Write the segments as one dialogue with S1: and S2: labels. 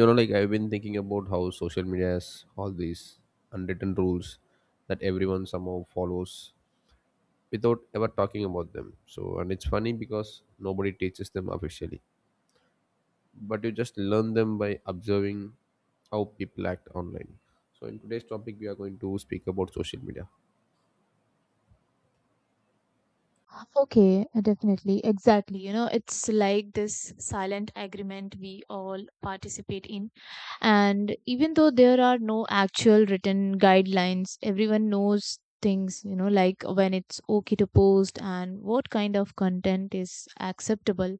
S1: I've been thinking about how social media has all these unwritten rules that everyone somehow follows without ever talking about them. And it's funny because nobody teaches them officially, but you just learn them by observing how people act online. So in today's topic, we are going to speak about social media.
S2: Okay, definitely. Exactly. You know, it's like this silent agreement we all participate in. And even though there are no actual written guidelines, everyone knows things, you know, like when it's okay to post and what kind of content is acceptable,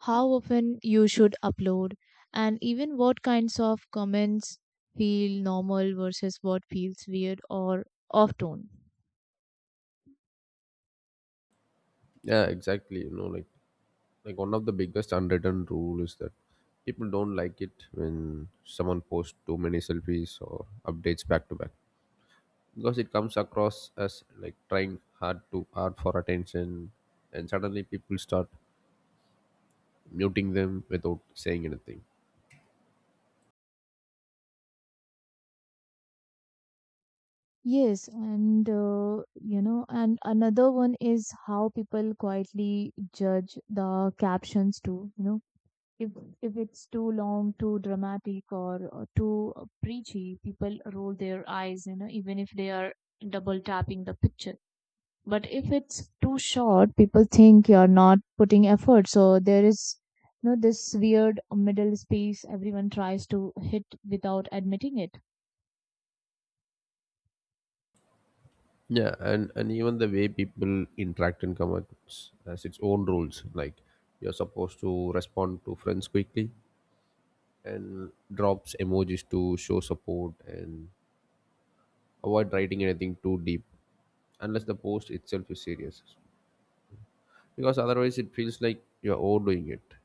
S2: how often you should upload, and even what kinds of comments feel normal versus what feels weird or off tone.
S1: Yeah, exactly. One of the biggest unwritten rule is that people don't like it when someone posts too many selfies or updates back to back, because it comes across as like trying hard for attention, and suddenly people start muting them without saying anything.
S2: Yes, and another one is how people quietly judge the captions too. You know, if if it's too long, too dramatic, or too preachy, people roll their eyes. You know, even if they are double tapping the picture. But if it's too short, people think you're not putting effort. So there is, this weird middle space everyone tries to hit without admitting it.
S1: Yeah, and even the way people interact and comments has its own rules. Like you're supposed to respond to friends quickly and drops emojis to show support and avoid writing anything too deep unless the post itself is serious, because otherwise it feels like you're overdoing it.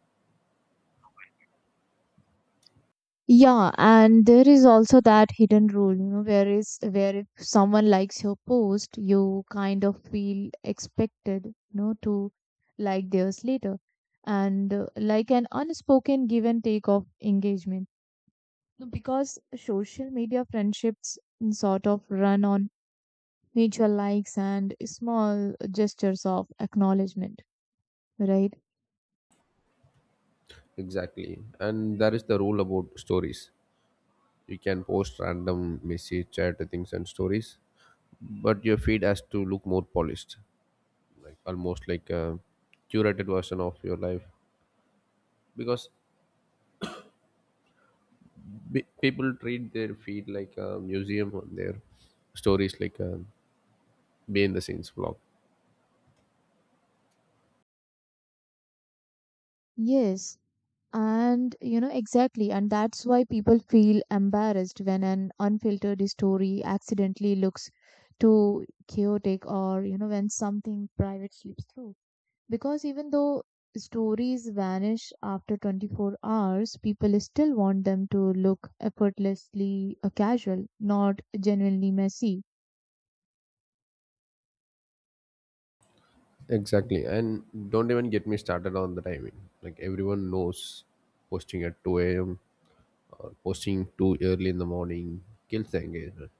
S2: Yeah, and there is also that hidden rule, where if someone likes your post, you kind of feel expected, to like theirs later, and like an unspoken give and take of engagement. No. Because social media friendships sort of run on mutual likes and small gestures of acknowledgement, right?
S1: Exactly. And that is the rule about stories. You can post random messy chat things and stories, but your feed has to look more polished, like almost like a curated version of your life. Because people treat their feed like a museum, on their stories, like a behind the scenes vlog.
S2: Yes, and you know exactly, and that's why people feel embarrassed when an unfiltered story accidentally looks too chaotic, or when something private slips through. Because even though stories vanish after 24 hours, people still want them to look effortlessly casual, not genuinely messy.
S1: Exactly, and don't even get me started on the timing. Like everyone knows, posting at two a.m., posting too early in the morning kills the engagement.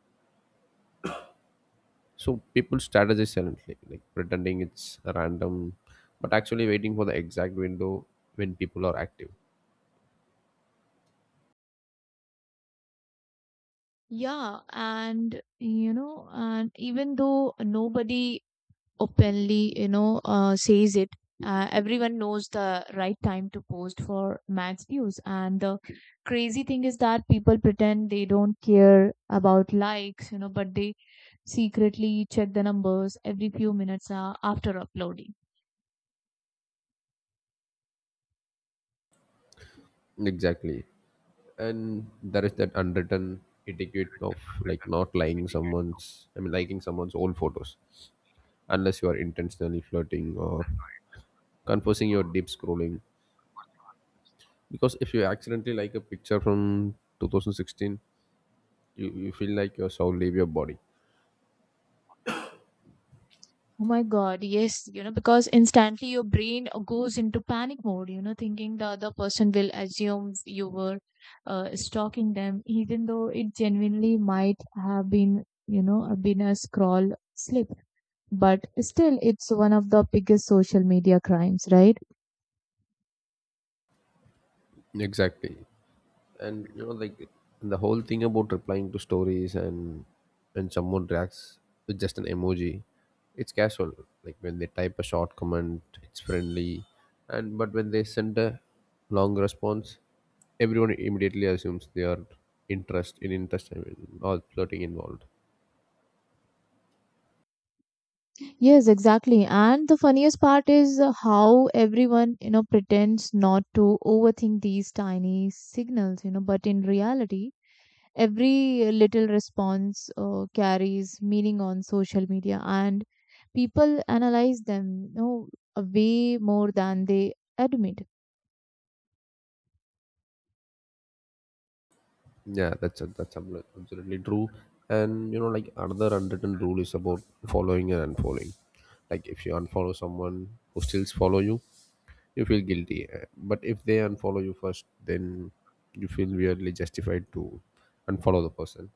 S1: So people strategize silently, like pretending it's random, but actually waiting for the exact window when people are active.
S2: Yeah, and even though nobody openly says it. Everyone knows the right time to post for max views, and the crazy thing is that people pretend they don't care about likes, but they secretly check the numbers every few minutes after uploading.
S1: Exactly. And there is that unwritten etiquette of like not liking someone's, I mean, liking someone's old photos unless you are intentionally flirting or confessing your deep scrolling. Because if you accidentally like a picture from 2016, you feel like your soul leave your body.
S2: Oh my God, yes, because instantly your brain goes into panic mode, thinking the other person will assume you were stalking them, even though it genuinely might have been a scroll slip. But still, it's one of the biggest social media crimes, right?
S1: Exactly. and you know like The whole thing about replying to stories, and someone reacts with just an emoji, it's casual. Like when they type a short comment, it's friendly. And but when they send a long response, everyone immediately assumes they are interest in interest I mean or flirting involved.
S2: Yes, exactly. And the funniest part is how everyone, pretends not to overthink these tiny signals, but in reality, every little response carries meaning on social media, and people analyze them, way more than they admit.
S1: Yeah, absolutely true. And you know like Another unwritten rule is about following and unfollowing. Like if you unfollow someone who still follow you, you feel guilty. But if they unfollow you first, then you feel weirdly justified to unfollow the person.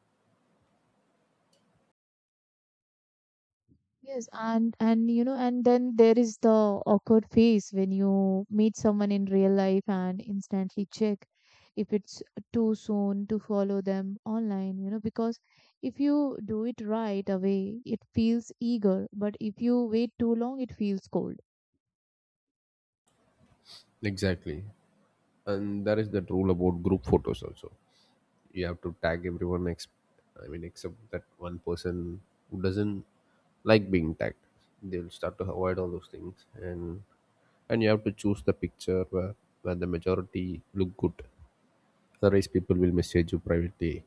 S2: Yes, and and then there is the awkward phase when you meet someone in real life and instantly check if it's too soon to follow them online, because if you do it right away it feels eager, but if you wait too long it feels cold.
S1: Exactly. And there is that rule about group photos also. You have to tag everyone except that one person who doesn't like being tagged. They'll start to avoid all those things. And you have to choose the picture where the majority look good, otherwise people will message you privately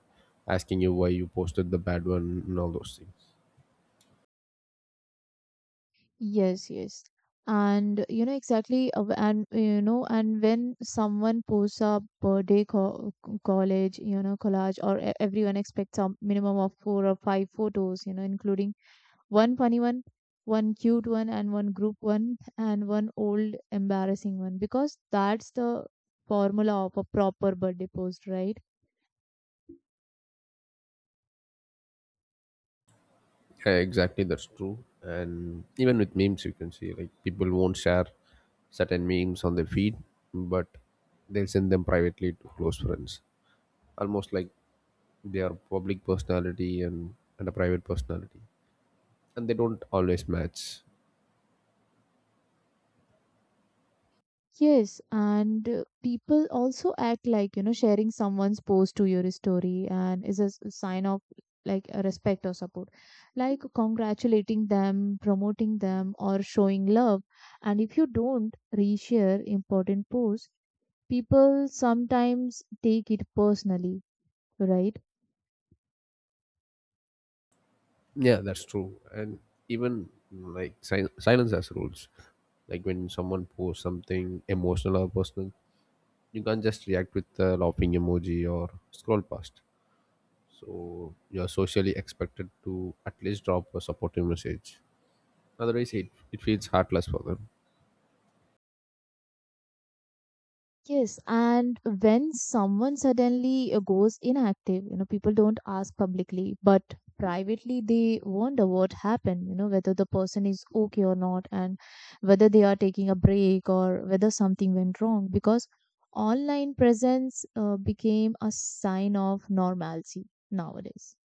S1: asking you why you posted the bad one and all those things.
S2: Yes, yes. And you know exactly, and when someone posts a birthday co college, you know, collage, or e- everyone expects a minimum of four or five photos, including one funny one, one cute one, and one group one, and one old embarrassing one, because that's the formula of a proper birthday post, right?
S1: Yeah, exactly, that's true. And even with memes, you can see like people won't share certain memes on their feed, but they'll send them privately to close friends, almost like they are public personality and a private personality, and they don't always match.
S2: Yes, and people also act like, sharing someone's post to your story and is a sign of like a respect or support. Like congratulating them, promoting them, or showing love. And if you don't reshare important posts, people sometimes take it personally, right?
S1: Yeah, that's true. And even like silence has rules. Like when someone posts something emotional or personal, you can't just react with a laughing emoji or scroll past. So you're socially expected to at least drop a supportive message, otherwise it feels heartless for them.
S2: Yes, and when someone suddenly goes inactive, people don't ask publicly, but privately they wonder what happened, whether the person is okay or not, and whether they are taking a break or whether something went wrong, because online presence became a sign of normalcy nowadays.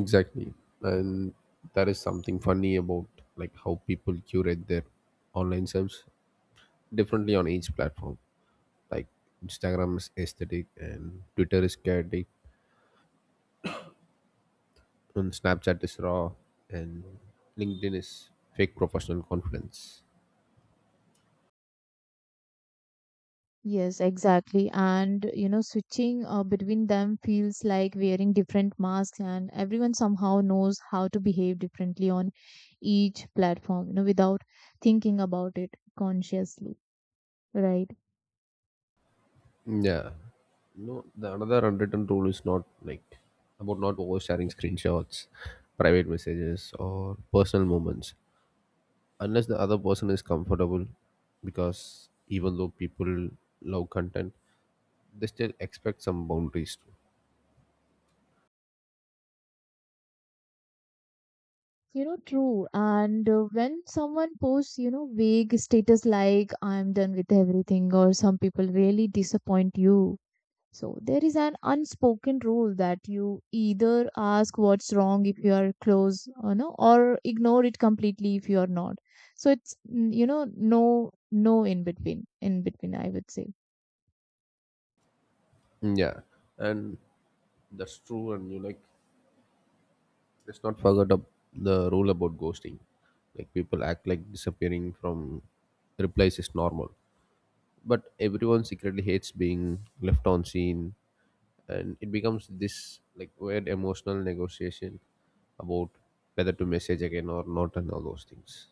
S1: Exactly. And there is something funny about like how people curate their online selves differently on each platform. Like Instagram is aesthetic and Twitter is chaotic and Snapchat is raw and LinkedIn is fake professional confidence.
S2: Yes, exactly. And switching between them feels like wearing different masks, and everyone somehow knows how to behave differently on each platform, without thinking about it consciously, right?
S1: Yeah. No, The another unwritten rule is not like about not oversharing screenshots, private messages, or personal moments unless the other person is comfortable. Because even though people love content, they still expect some boundaries too.
S2: True. And when someone posts, vague status like, I'm done with everything, or some people really disappoint you. So there is an unspoken rule that you either ask what's wrong if you are close, or no, or ignore it completely if you are not. So it's, no, no in between, I would say.
S1: Yeah, and that's true. Let's not forget the rule about ghosting. Like people act like disappearing from replies is normal, but everyone secretly hates being left on scene, and it becomes this like weird emotional negotiation about whether to message again or not and all those things.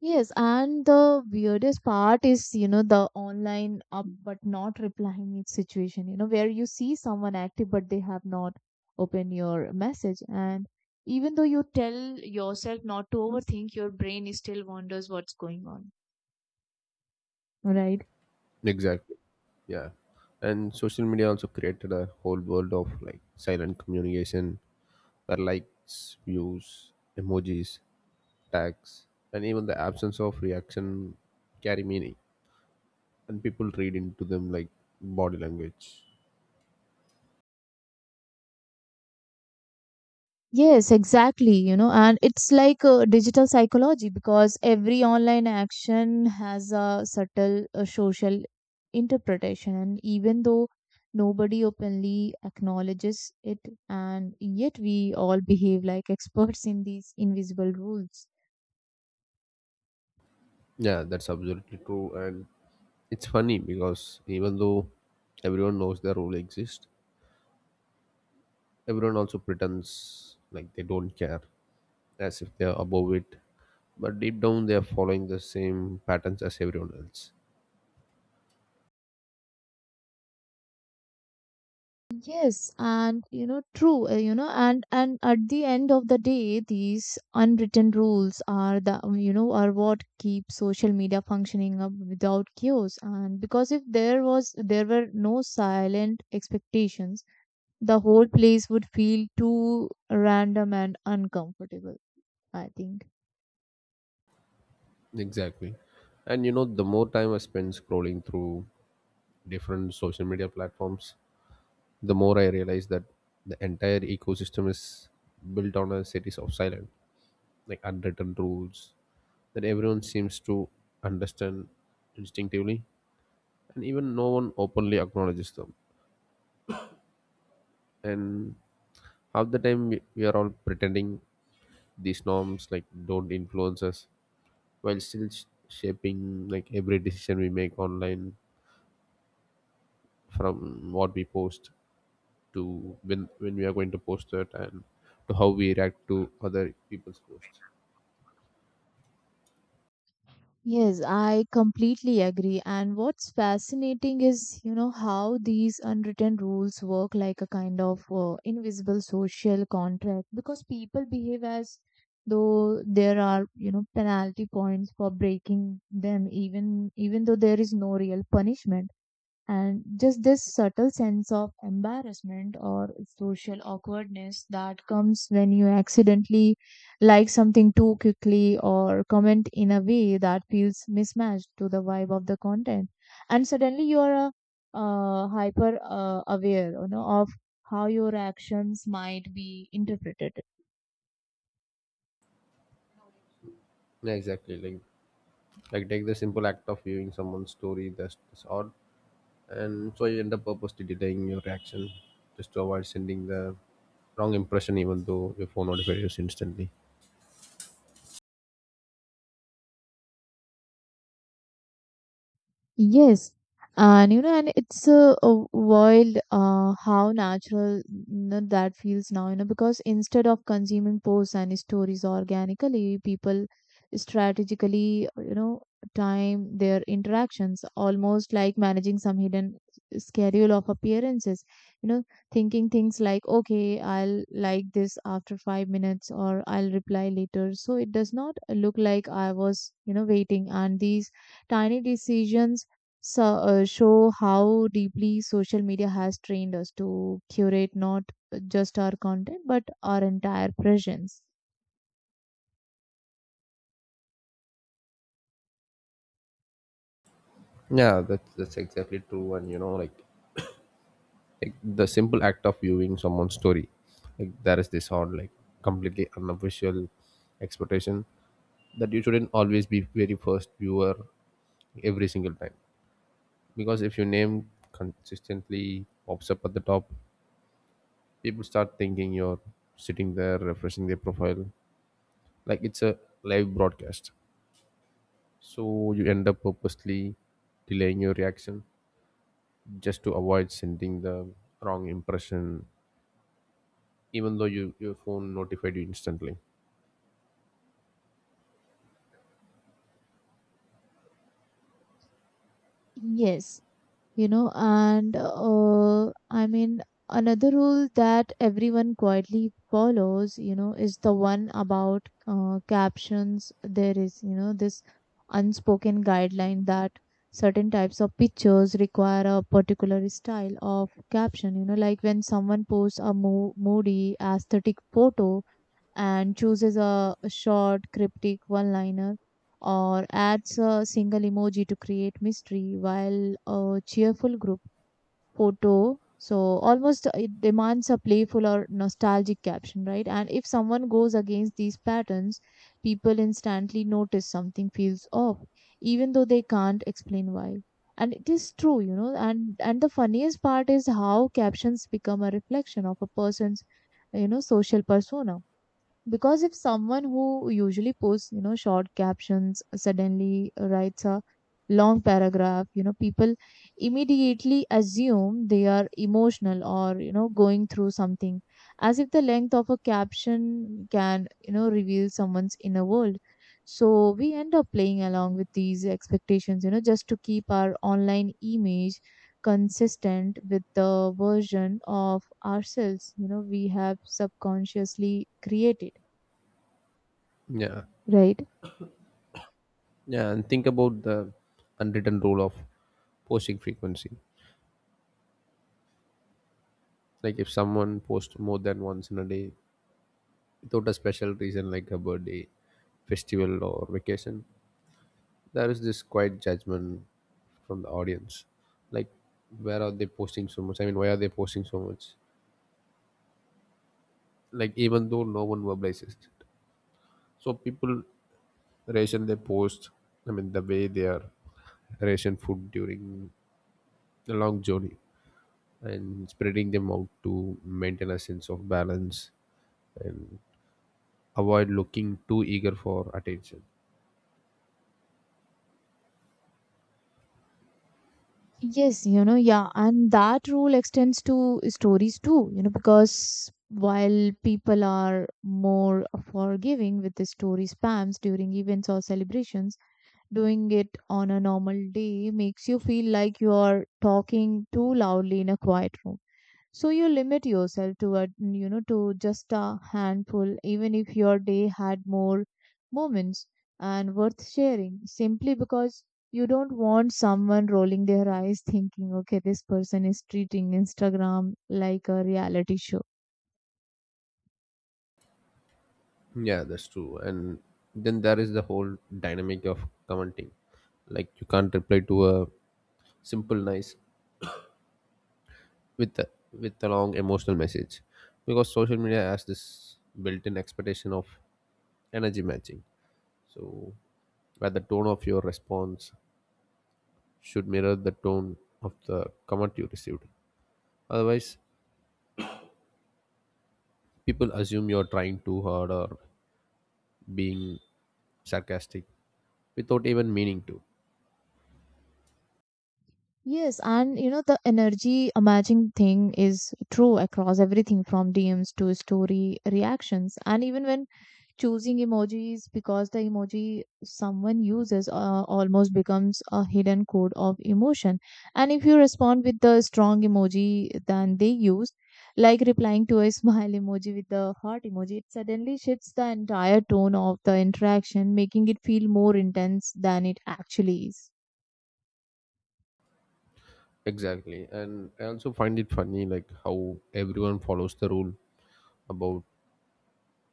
S2: Yes, and the weirdest part is the online up but not replying situation. You know, where you see someone active but they have not opened your message, and even though you tell yourself not to overthink, your brain is still wonders what's going on. Right.
S1: Exactly. Yeah. And social media also created a whole world of like silent communication where likes, views, emojis, tags, and even the absence of reaction carry meaning, and people read into them like body language.
S2: Yes, exactly. You know, and it's like digital psychology, because every online action has a subtle social interpretation, and even though nobody openly acknowledges it, and yet we all behave like experts in these invisible rules.
S1: Yeah, that's absolutely true. And it's funny because even though everyone knows the rule exists, everyone also pretends like they don't care, as if they're above it, but deep down they are following the same patterns as everyone else.
S2: Yes, and you know, true, and at the end of the day, these unwritten rules are the you know are what keep social media functioning up without chaos. And because if there were no silent expectations, the whole place would feel too random and uncomfortable, I think.
S1: Exactly. And you know, the more time I spend scrolling through different social media platforms, the more I realize that the entire ecosystem is built on a series of silent, like unwritten rules that everyone seems to understand instinctively, and even no one openly acknowledges them. And half the time, we are all pretending these norms like don't influence us while still shaping like every decision we make online, from what we post to when we are going to post it, and to how we react to other people's posts.
S2: Yes, I completely agree. And what's fascinating is, how these unwritten rules work like a kind of invisible social contract, because people behave as though there are, penalty points for breaking them, even though there is no real punishment. And just this subtle sense of embarrassment or social awkwardness that comes when you accidentally like something too quickly or comment in a way that feels mismatched to the vibe of the content. And suddenly you are hyper aware, of how your actions might be interpreted.
S1: Yeah, exactly. Take the simple act of viewing someone's story, that's odd. And so you end up purposely delaying your reaction just to avoid sending the wrong impression, even though your phone notifies you instantly.
S2: Yes, and it's wild, how natural, that feels now, because instead of consuming posts and stories organically, people strategically, time their interactions almost like managing some hidden schedule of appearances, you know, thinking things like, okay, I'll like this after 5 minutes or I'll reply later. So it does not look like I was, waiting, and these tiny decisions, so, show how deeply social media has trained us to curate not just our content but our entire presence.
S1: Yeah, that's exactly true. And you know like The simple act of viewing someone's story, like there is this odd, like completely unofficial expectation that you shouldn't always be very first viewer every single time, because if your name consistently pops up at the top, people start thinking you're sitting there refreshing their profile like it's a live broadcast. So you end up purposely delaying your reaction just to avoid sending the wrong impression, even though your phone notified you instantly.
S2: Yes, you know and I mean, another rule that everyone quietly follows, is the one about captions. There is, this unspoken guideline that certain types of pictures require a particular style of caption, like when someone posts a moody aesthetic photo and chooses a short, cryptic one liner or adds a single emoji to create mystery, while a cheerful group photo. So almost it demands a playful or nostalgic caption, right? And if someone goes against these patterns, people instantly notice something feels off, even though they can't explain why. And it is true, and the funniest part is how captions become a reflection of a person's, social persona, because if someone who usually posts, short captions suddenly writes a long paragraph, people immediately assume they are emotional, or going through something, as if the length of a caption can, reveal someone's inner world, so we end up playing along with these expectations, just to keep our online image consistent with the version of ourselves, we have subconsciously created.
S1: Yeah.
S2: Right.
S1: Yeah. And think about the unwritten rule of posting frequency. Like if someone posts more than once in a day without a special reason like a birthday, festival or vacation, there is this quiet judgment from the audience. Like where are they posting so much? Why are they posting so much? Like even though no one verbalizes it. So people ration their post, I mean the way they are ration food during the long journey, and spreading them out to maintain a sense of balance and avoid looking too eager for attention.
S2: Yes, yeah, and that rule extends to stories too, because while people are more forgiving with the story spams during events or celebrations, doing it on a normal day makes you feel like you are talking too loudly in a quiet room. So you limit yourself to just a handful, even if your day had more moments and worth sharing, simply because you don't want someone rolling their eyes thinking, okay, this person is treating Instagram like a reality show.
S1: Yeah, that's true. And then there is the whole dynamic of commenting. Like you can't reply to a simple nice with a long emotional message, because social media has this built-in expectation of energy matching. So, where the tone of your response should mirror the tone of the comment you received. Otherwise, people assume you're trying too hard or being sarcastic without even meaning to.
S2: Yes, and the energy matching thing is true across everything from DMs to story reactions, and even when choosing emojis, because the emoji someone uses almost becomes a hidden code of emotion, and if you respond with the strong emoji than they use, like replying to a smile emoji with the heart emoji, it suddenly shifts the entire tone of the interaction, making it feel more intense than it actually is.
S1: Exactly. And I also find it funny like how everyone follows the rule about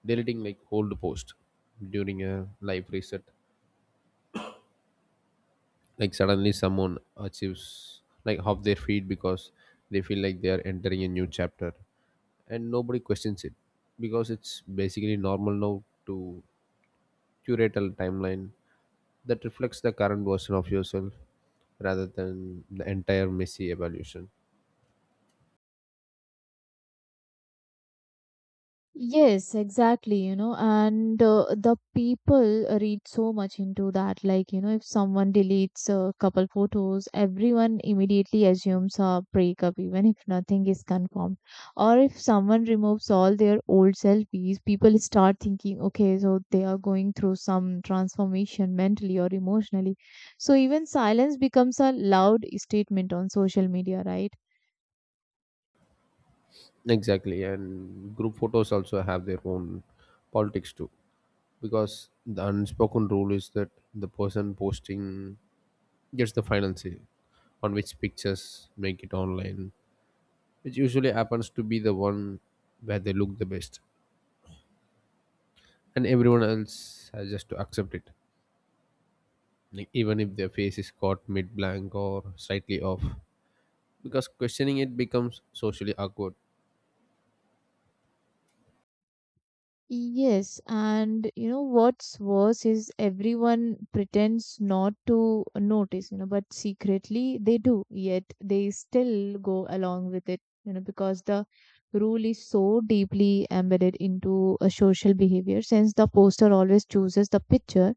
S1: deleting like old post during a live reset. Like suddenly someone achieves like half their feed, because they feel like they are entering a new chapter, and nobody questions it because it's basically normal now to curate a timeline that reflects the current version of yourself rather than the entire messy evolution.
S2: Yes, exactly, and the people read so much into that. Like, if someone deletes a couple photos, everyone immediately assumes a breakup, even if nothing is confirmed. Or if someone removes all their old selfies, people start thinking, okay, so they are going through some transformation mentally or emotionally. So even silence becomes a loud statement on social media, right?
S1: Exactly. And group photos also have their own politics too, because the unspoken rule is that the person posting gets the final say on which pictures make it online, which usually happens to be the one where they look the best, and everyone else has just to accept it, like even if their face is caught mid blank or slightly off, because questioning it becomes socially awkward.
S2: Yes, and you know what's worse is everyone pretends not to notice, you know, but secretly they do, yet they still go along with it, you know, because the rule is so deeply embedded into a social behavior since the poster always chooses the picture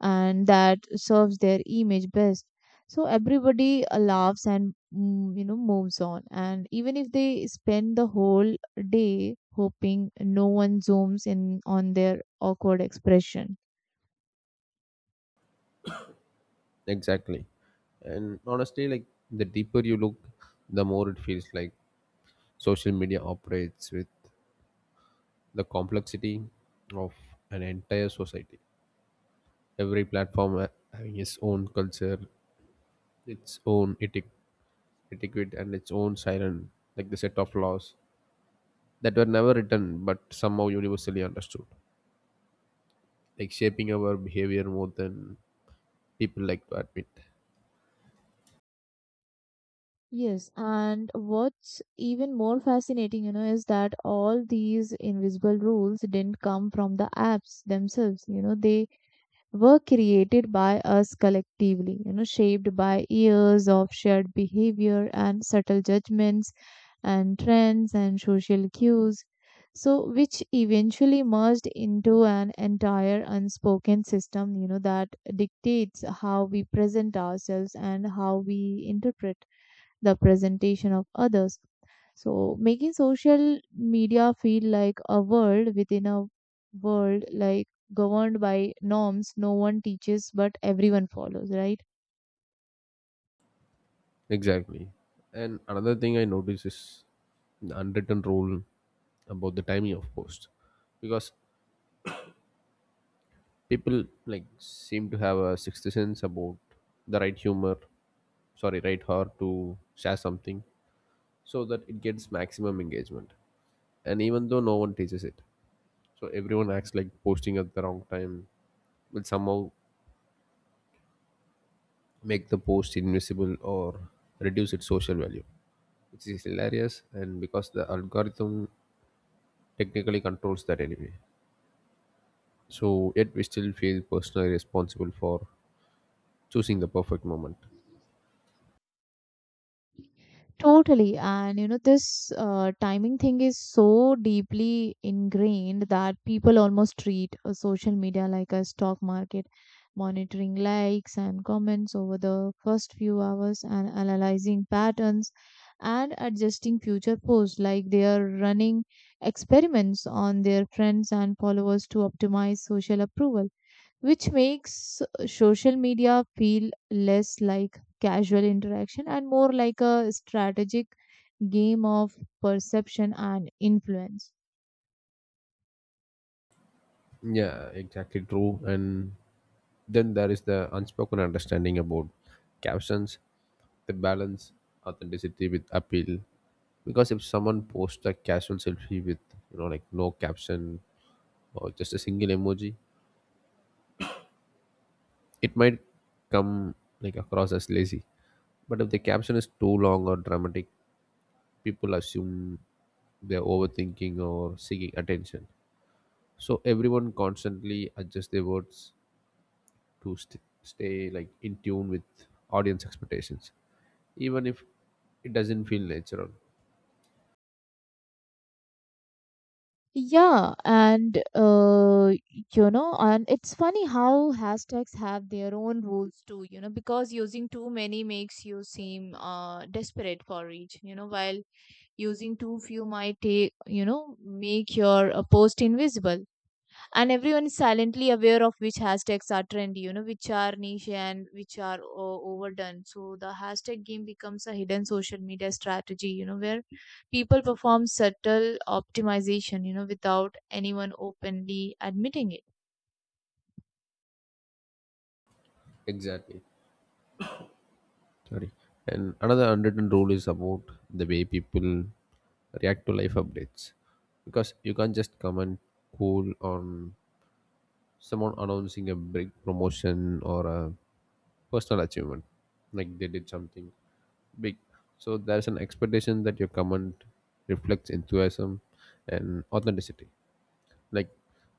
S2: and that serves their image best, so everybody laughs and moves on, and even if they spend the whole day hoping no one zooms in on their awkward expression.
S1: Exactly. And honestly, like the deeper you look, the more it feels like social media operates with the complexity of an entire society. Every platform having its own culture, its own etiquette, and its own siren, like the set of laws that were never written but somehow universally understood, like shaping our behavior more than people like to admit.
S2: Yes, and what's even more fascinating, you know, is that all these invisible rules didn't come from the apps themselves, you know, they were created by us collectively, you know, shaped by years of shared behavior and subtle judgments and trends and social cues, so which eventually merged into an entire unspoken system, you know, that dictates how we present ourselves and how we interpret the presentation of others. So, making social media feel like a world within a world, like governed by norms no one teaches but everyone follows, right?
S1: Exactly. And another thing I notice is the unwritten rule about the timing of posts. Because people like seem to have a sixth sense about the right humor, sorry, right heart to share something so that it gets maximum engagement. And even though no one teaches it. So everyone acts like posting at the wrong time will somehow make the post invisible or reduce its social value. Which is hilarious, and because the algorithm technically controls that anyway. So, yet we still feel personally responsible for choosing the perfect moment.
S2: Totally. And you know, this timing thing is so deeply ingrained that people almost treat social media like a stock market, monitoring likes and comments over the first few hours and analyzing patterns and adjusting future posts like they are running experiments on their friends and followers to optimize social approval, which makes social media feel less like casual interaction and more like a strategic game of perception and influence.
S1: Yeah, exactly true. And then there is the unspoken understanding about captions, the balance, authenticity with appeal. Because if someone posts a casual selfie with, you know, like no caption or just a single emoji, it might come like across as lazy. But if the caption is too long or dramatic, people assume they're overthinking or seeking attention. So everyone constantly adjusts their words to stay like in tune with audience expectations, even if it doesn't feel natural.
S2: Yeah, and you know, and it's funny how hashtags have their own rules too, you know, because using too many makes you seem desperate for reach, you know, while using too few might take, you know, make your post invisible, and everyone is silently aware of which hashtags are trendy, you know, which are niche, and which are overdone. So the hashtag game becomes a hidden social media strategy, you know, where people perform subtle optimization, you know, without anyone openly admitting it.
S1: Exactly. Sorry. And another unwritten rule is about the way people react to life updates, because you can't just come and cool on someone announcing a big promotion or a personal achievement like they did something big. So there's an expectation that your comment reflects enthusiasm and authenticity, like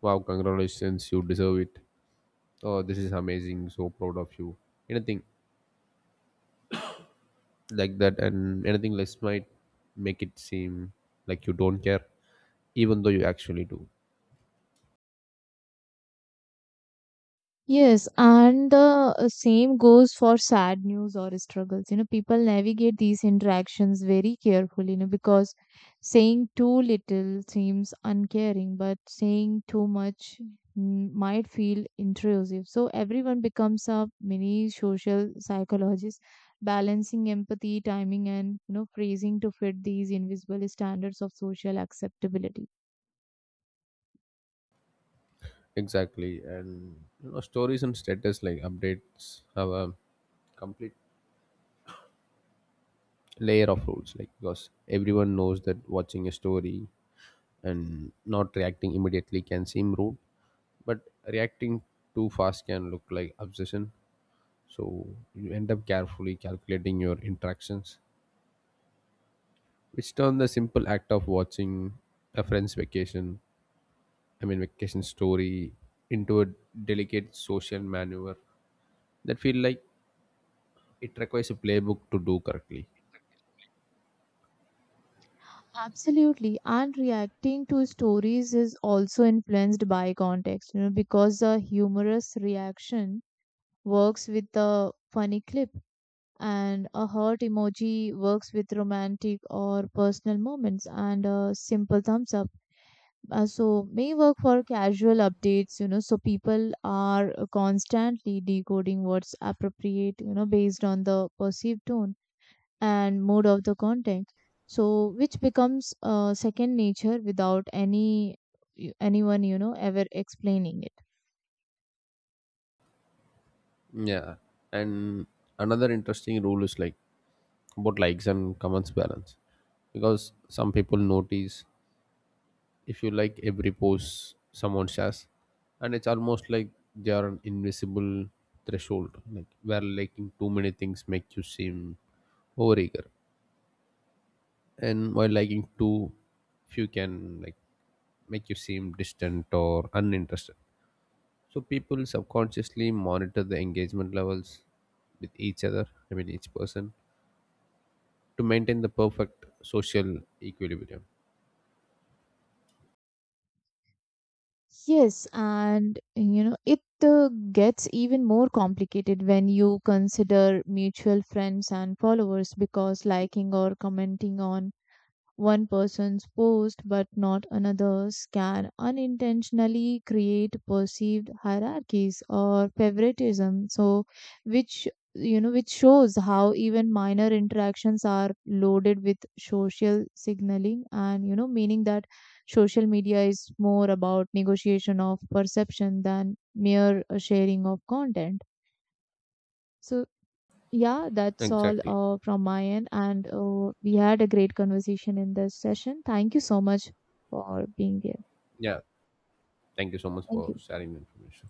S1: wow, congratulations, you deserve it, oh this is amazing, so proud of you, anything like that. And anything less might make it seem like you don't care, even though you actually do.
S2: Yes, and the same goes for sad news or struggles. You know, people navigate these interactions very carefully, you know, because saying too little seems uncaring, but saying too much might feel intrusive. So everyone becomes a mini social psychologist, balancing empathy, timing, and you know, phrasing to fit these invisible standards of social acceptability.
S1: Exactly. And you know, stories and status like updates have a complete layer of rules. Like because everyone knows that watching a story and not reacting immediately can seem rude, but reacting too fast can look like obsession. So you end up carefully calculating your interactions, which turn the simple act of watching a friend's vacation I mean vacation story into a delicate social maneuver that feel like it requires a playbook to do correctly.
S2: Absolutely. And reacting to stories is also influenced by context, you know, because a humorous reaction works with a funny clip, and a heart emoji works with romantic or personal moments, and a simple thumbs up. So may work for casual updates, you know, so people are constantly decoding what's appropriate, you know, based on the perceived tone and mode of the content, so which becomes second nature without any anyone, you know, ever explaining it.
S1: Yeah. And another interesting rule is like about likes and comments balance. Because some people notice if you like every post someone shares, and it's almost like they are an invisible threshold, like where liking too many things make you seem overeager, and while liking too few can like make you seem distant or uninterested. So people subconsciously monitor the engagement levels with each other I mean each person to maintain the perfect social equilibrium.
S2: Yes, and you know it gets even more complicated when you consider mutual friends and followers, because liking or commenting on one person's post but not another's can unintentionally create perceived hierarchies or favoritism. So, which you know, which shows how even minor interactions are loaded with social signaling, and you know, meaning that social media is more about negotiation of perception than mere sharing of content. So, yeah, that's all
S1: Exactly.
S2: from my end. And we had a great conversation in this session. Thank you so much for being here.
S1: Yeah. Thank you so much
S2: Thank
S1: for
S2: you.
S1: sharing the information.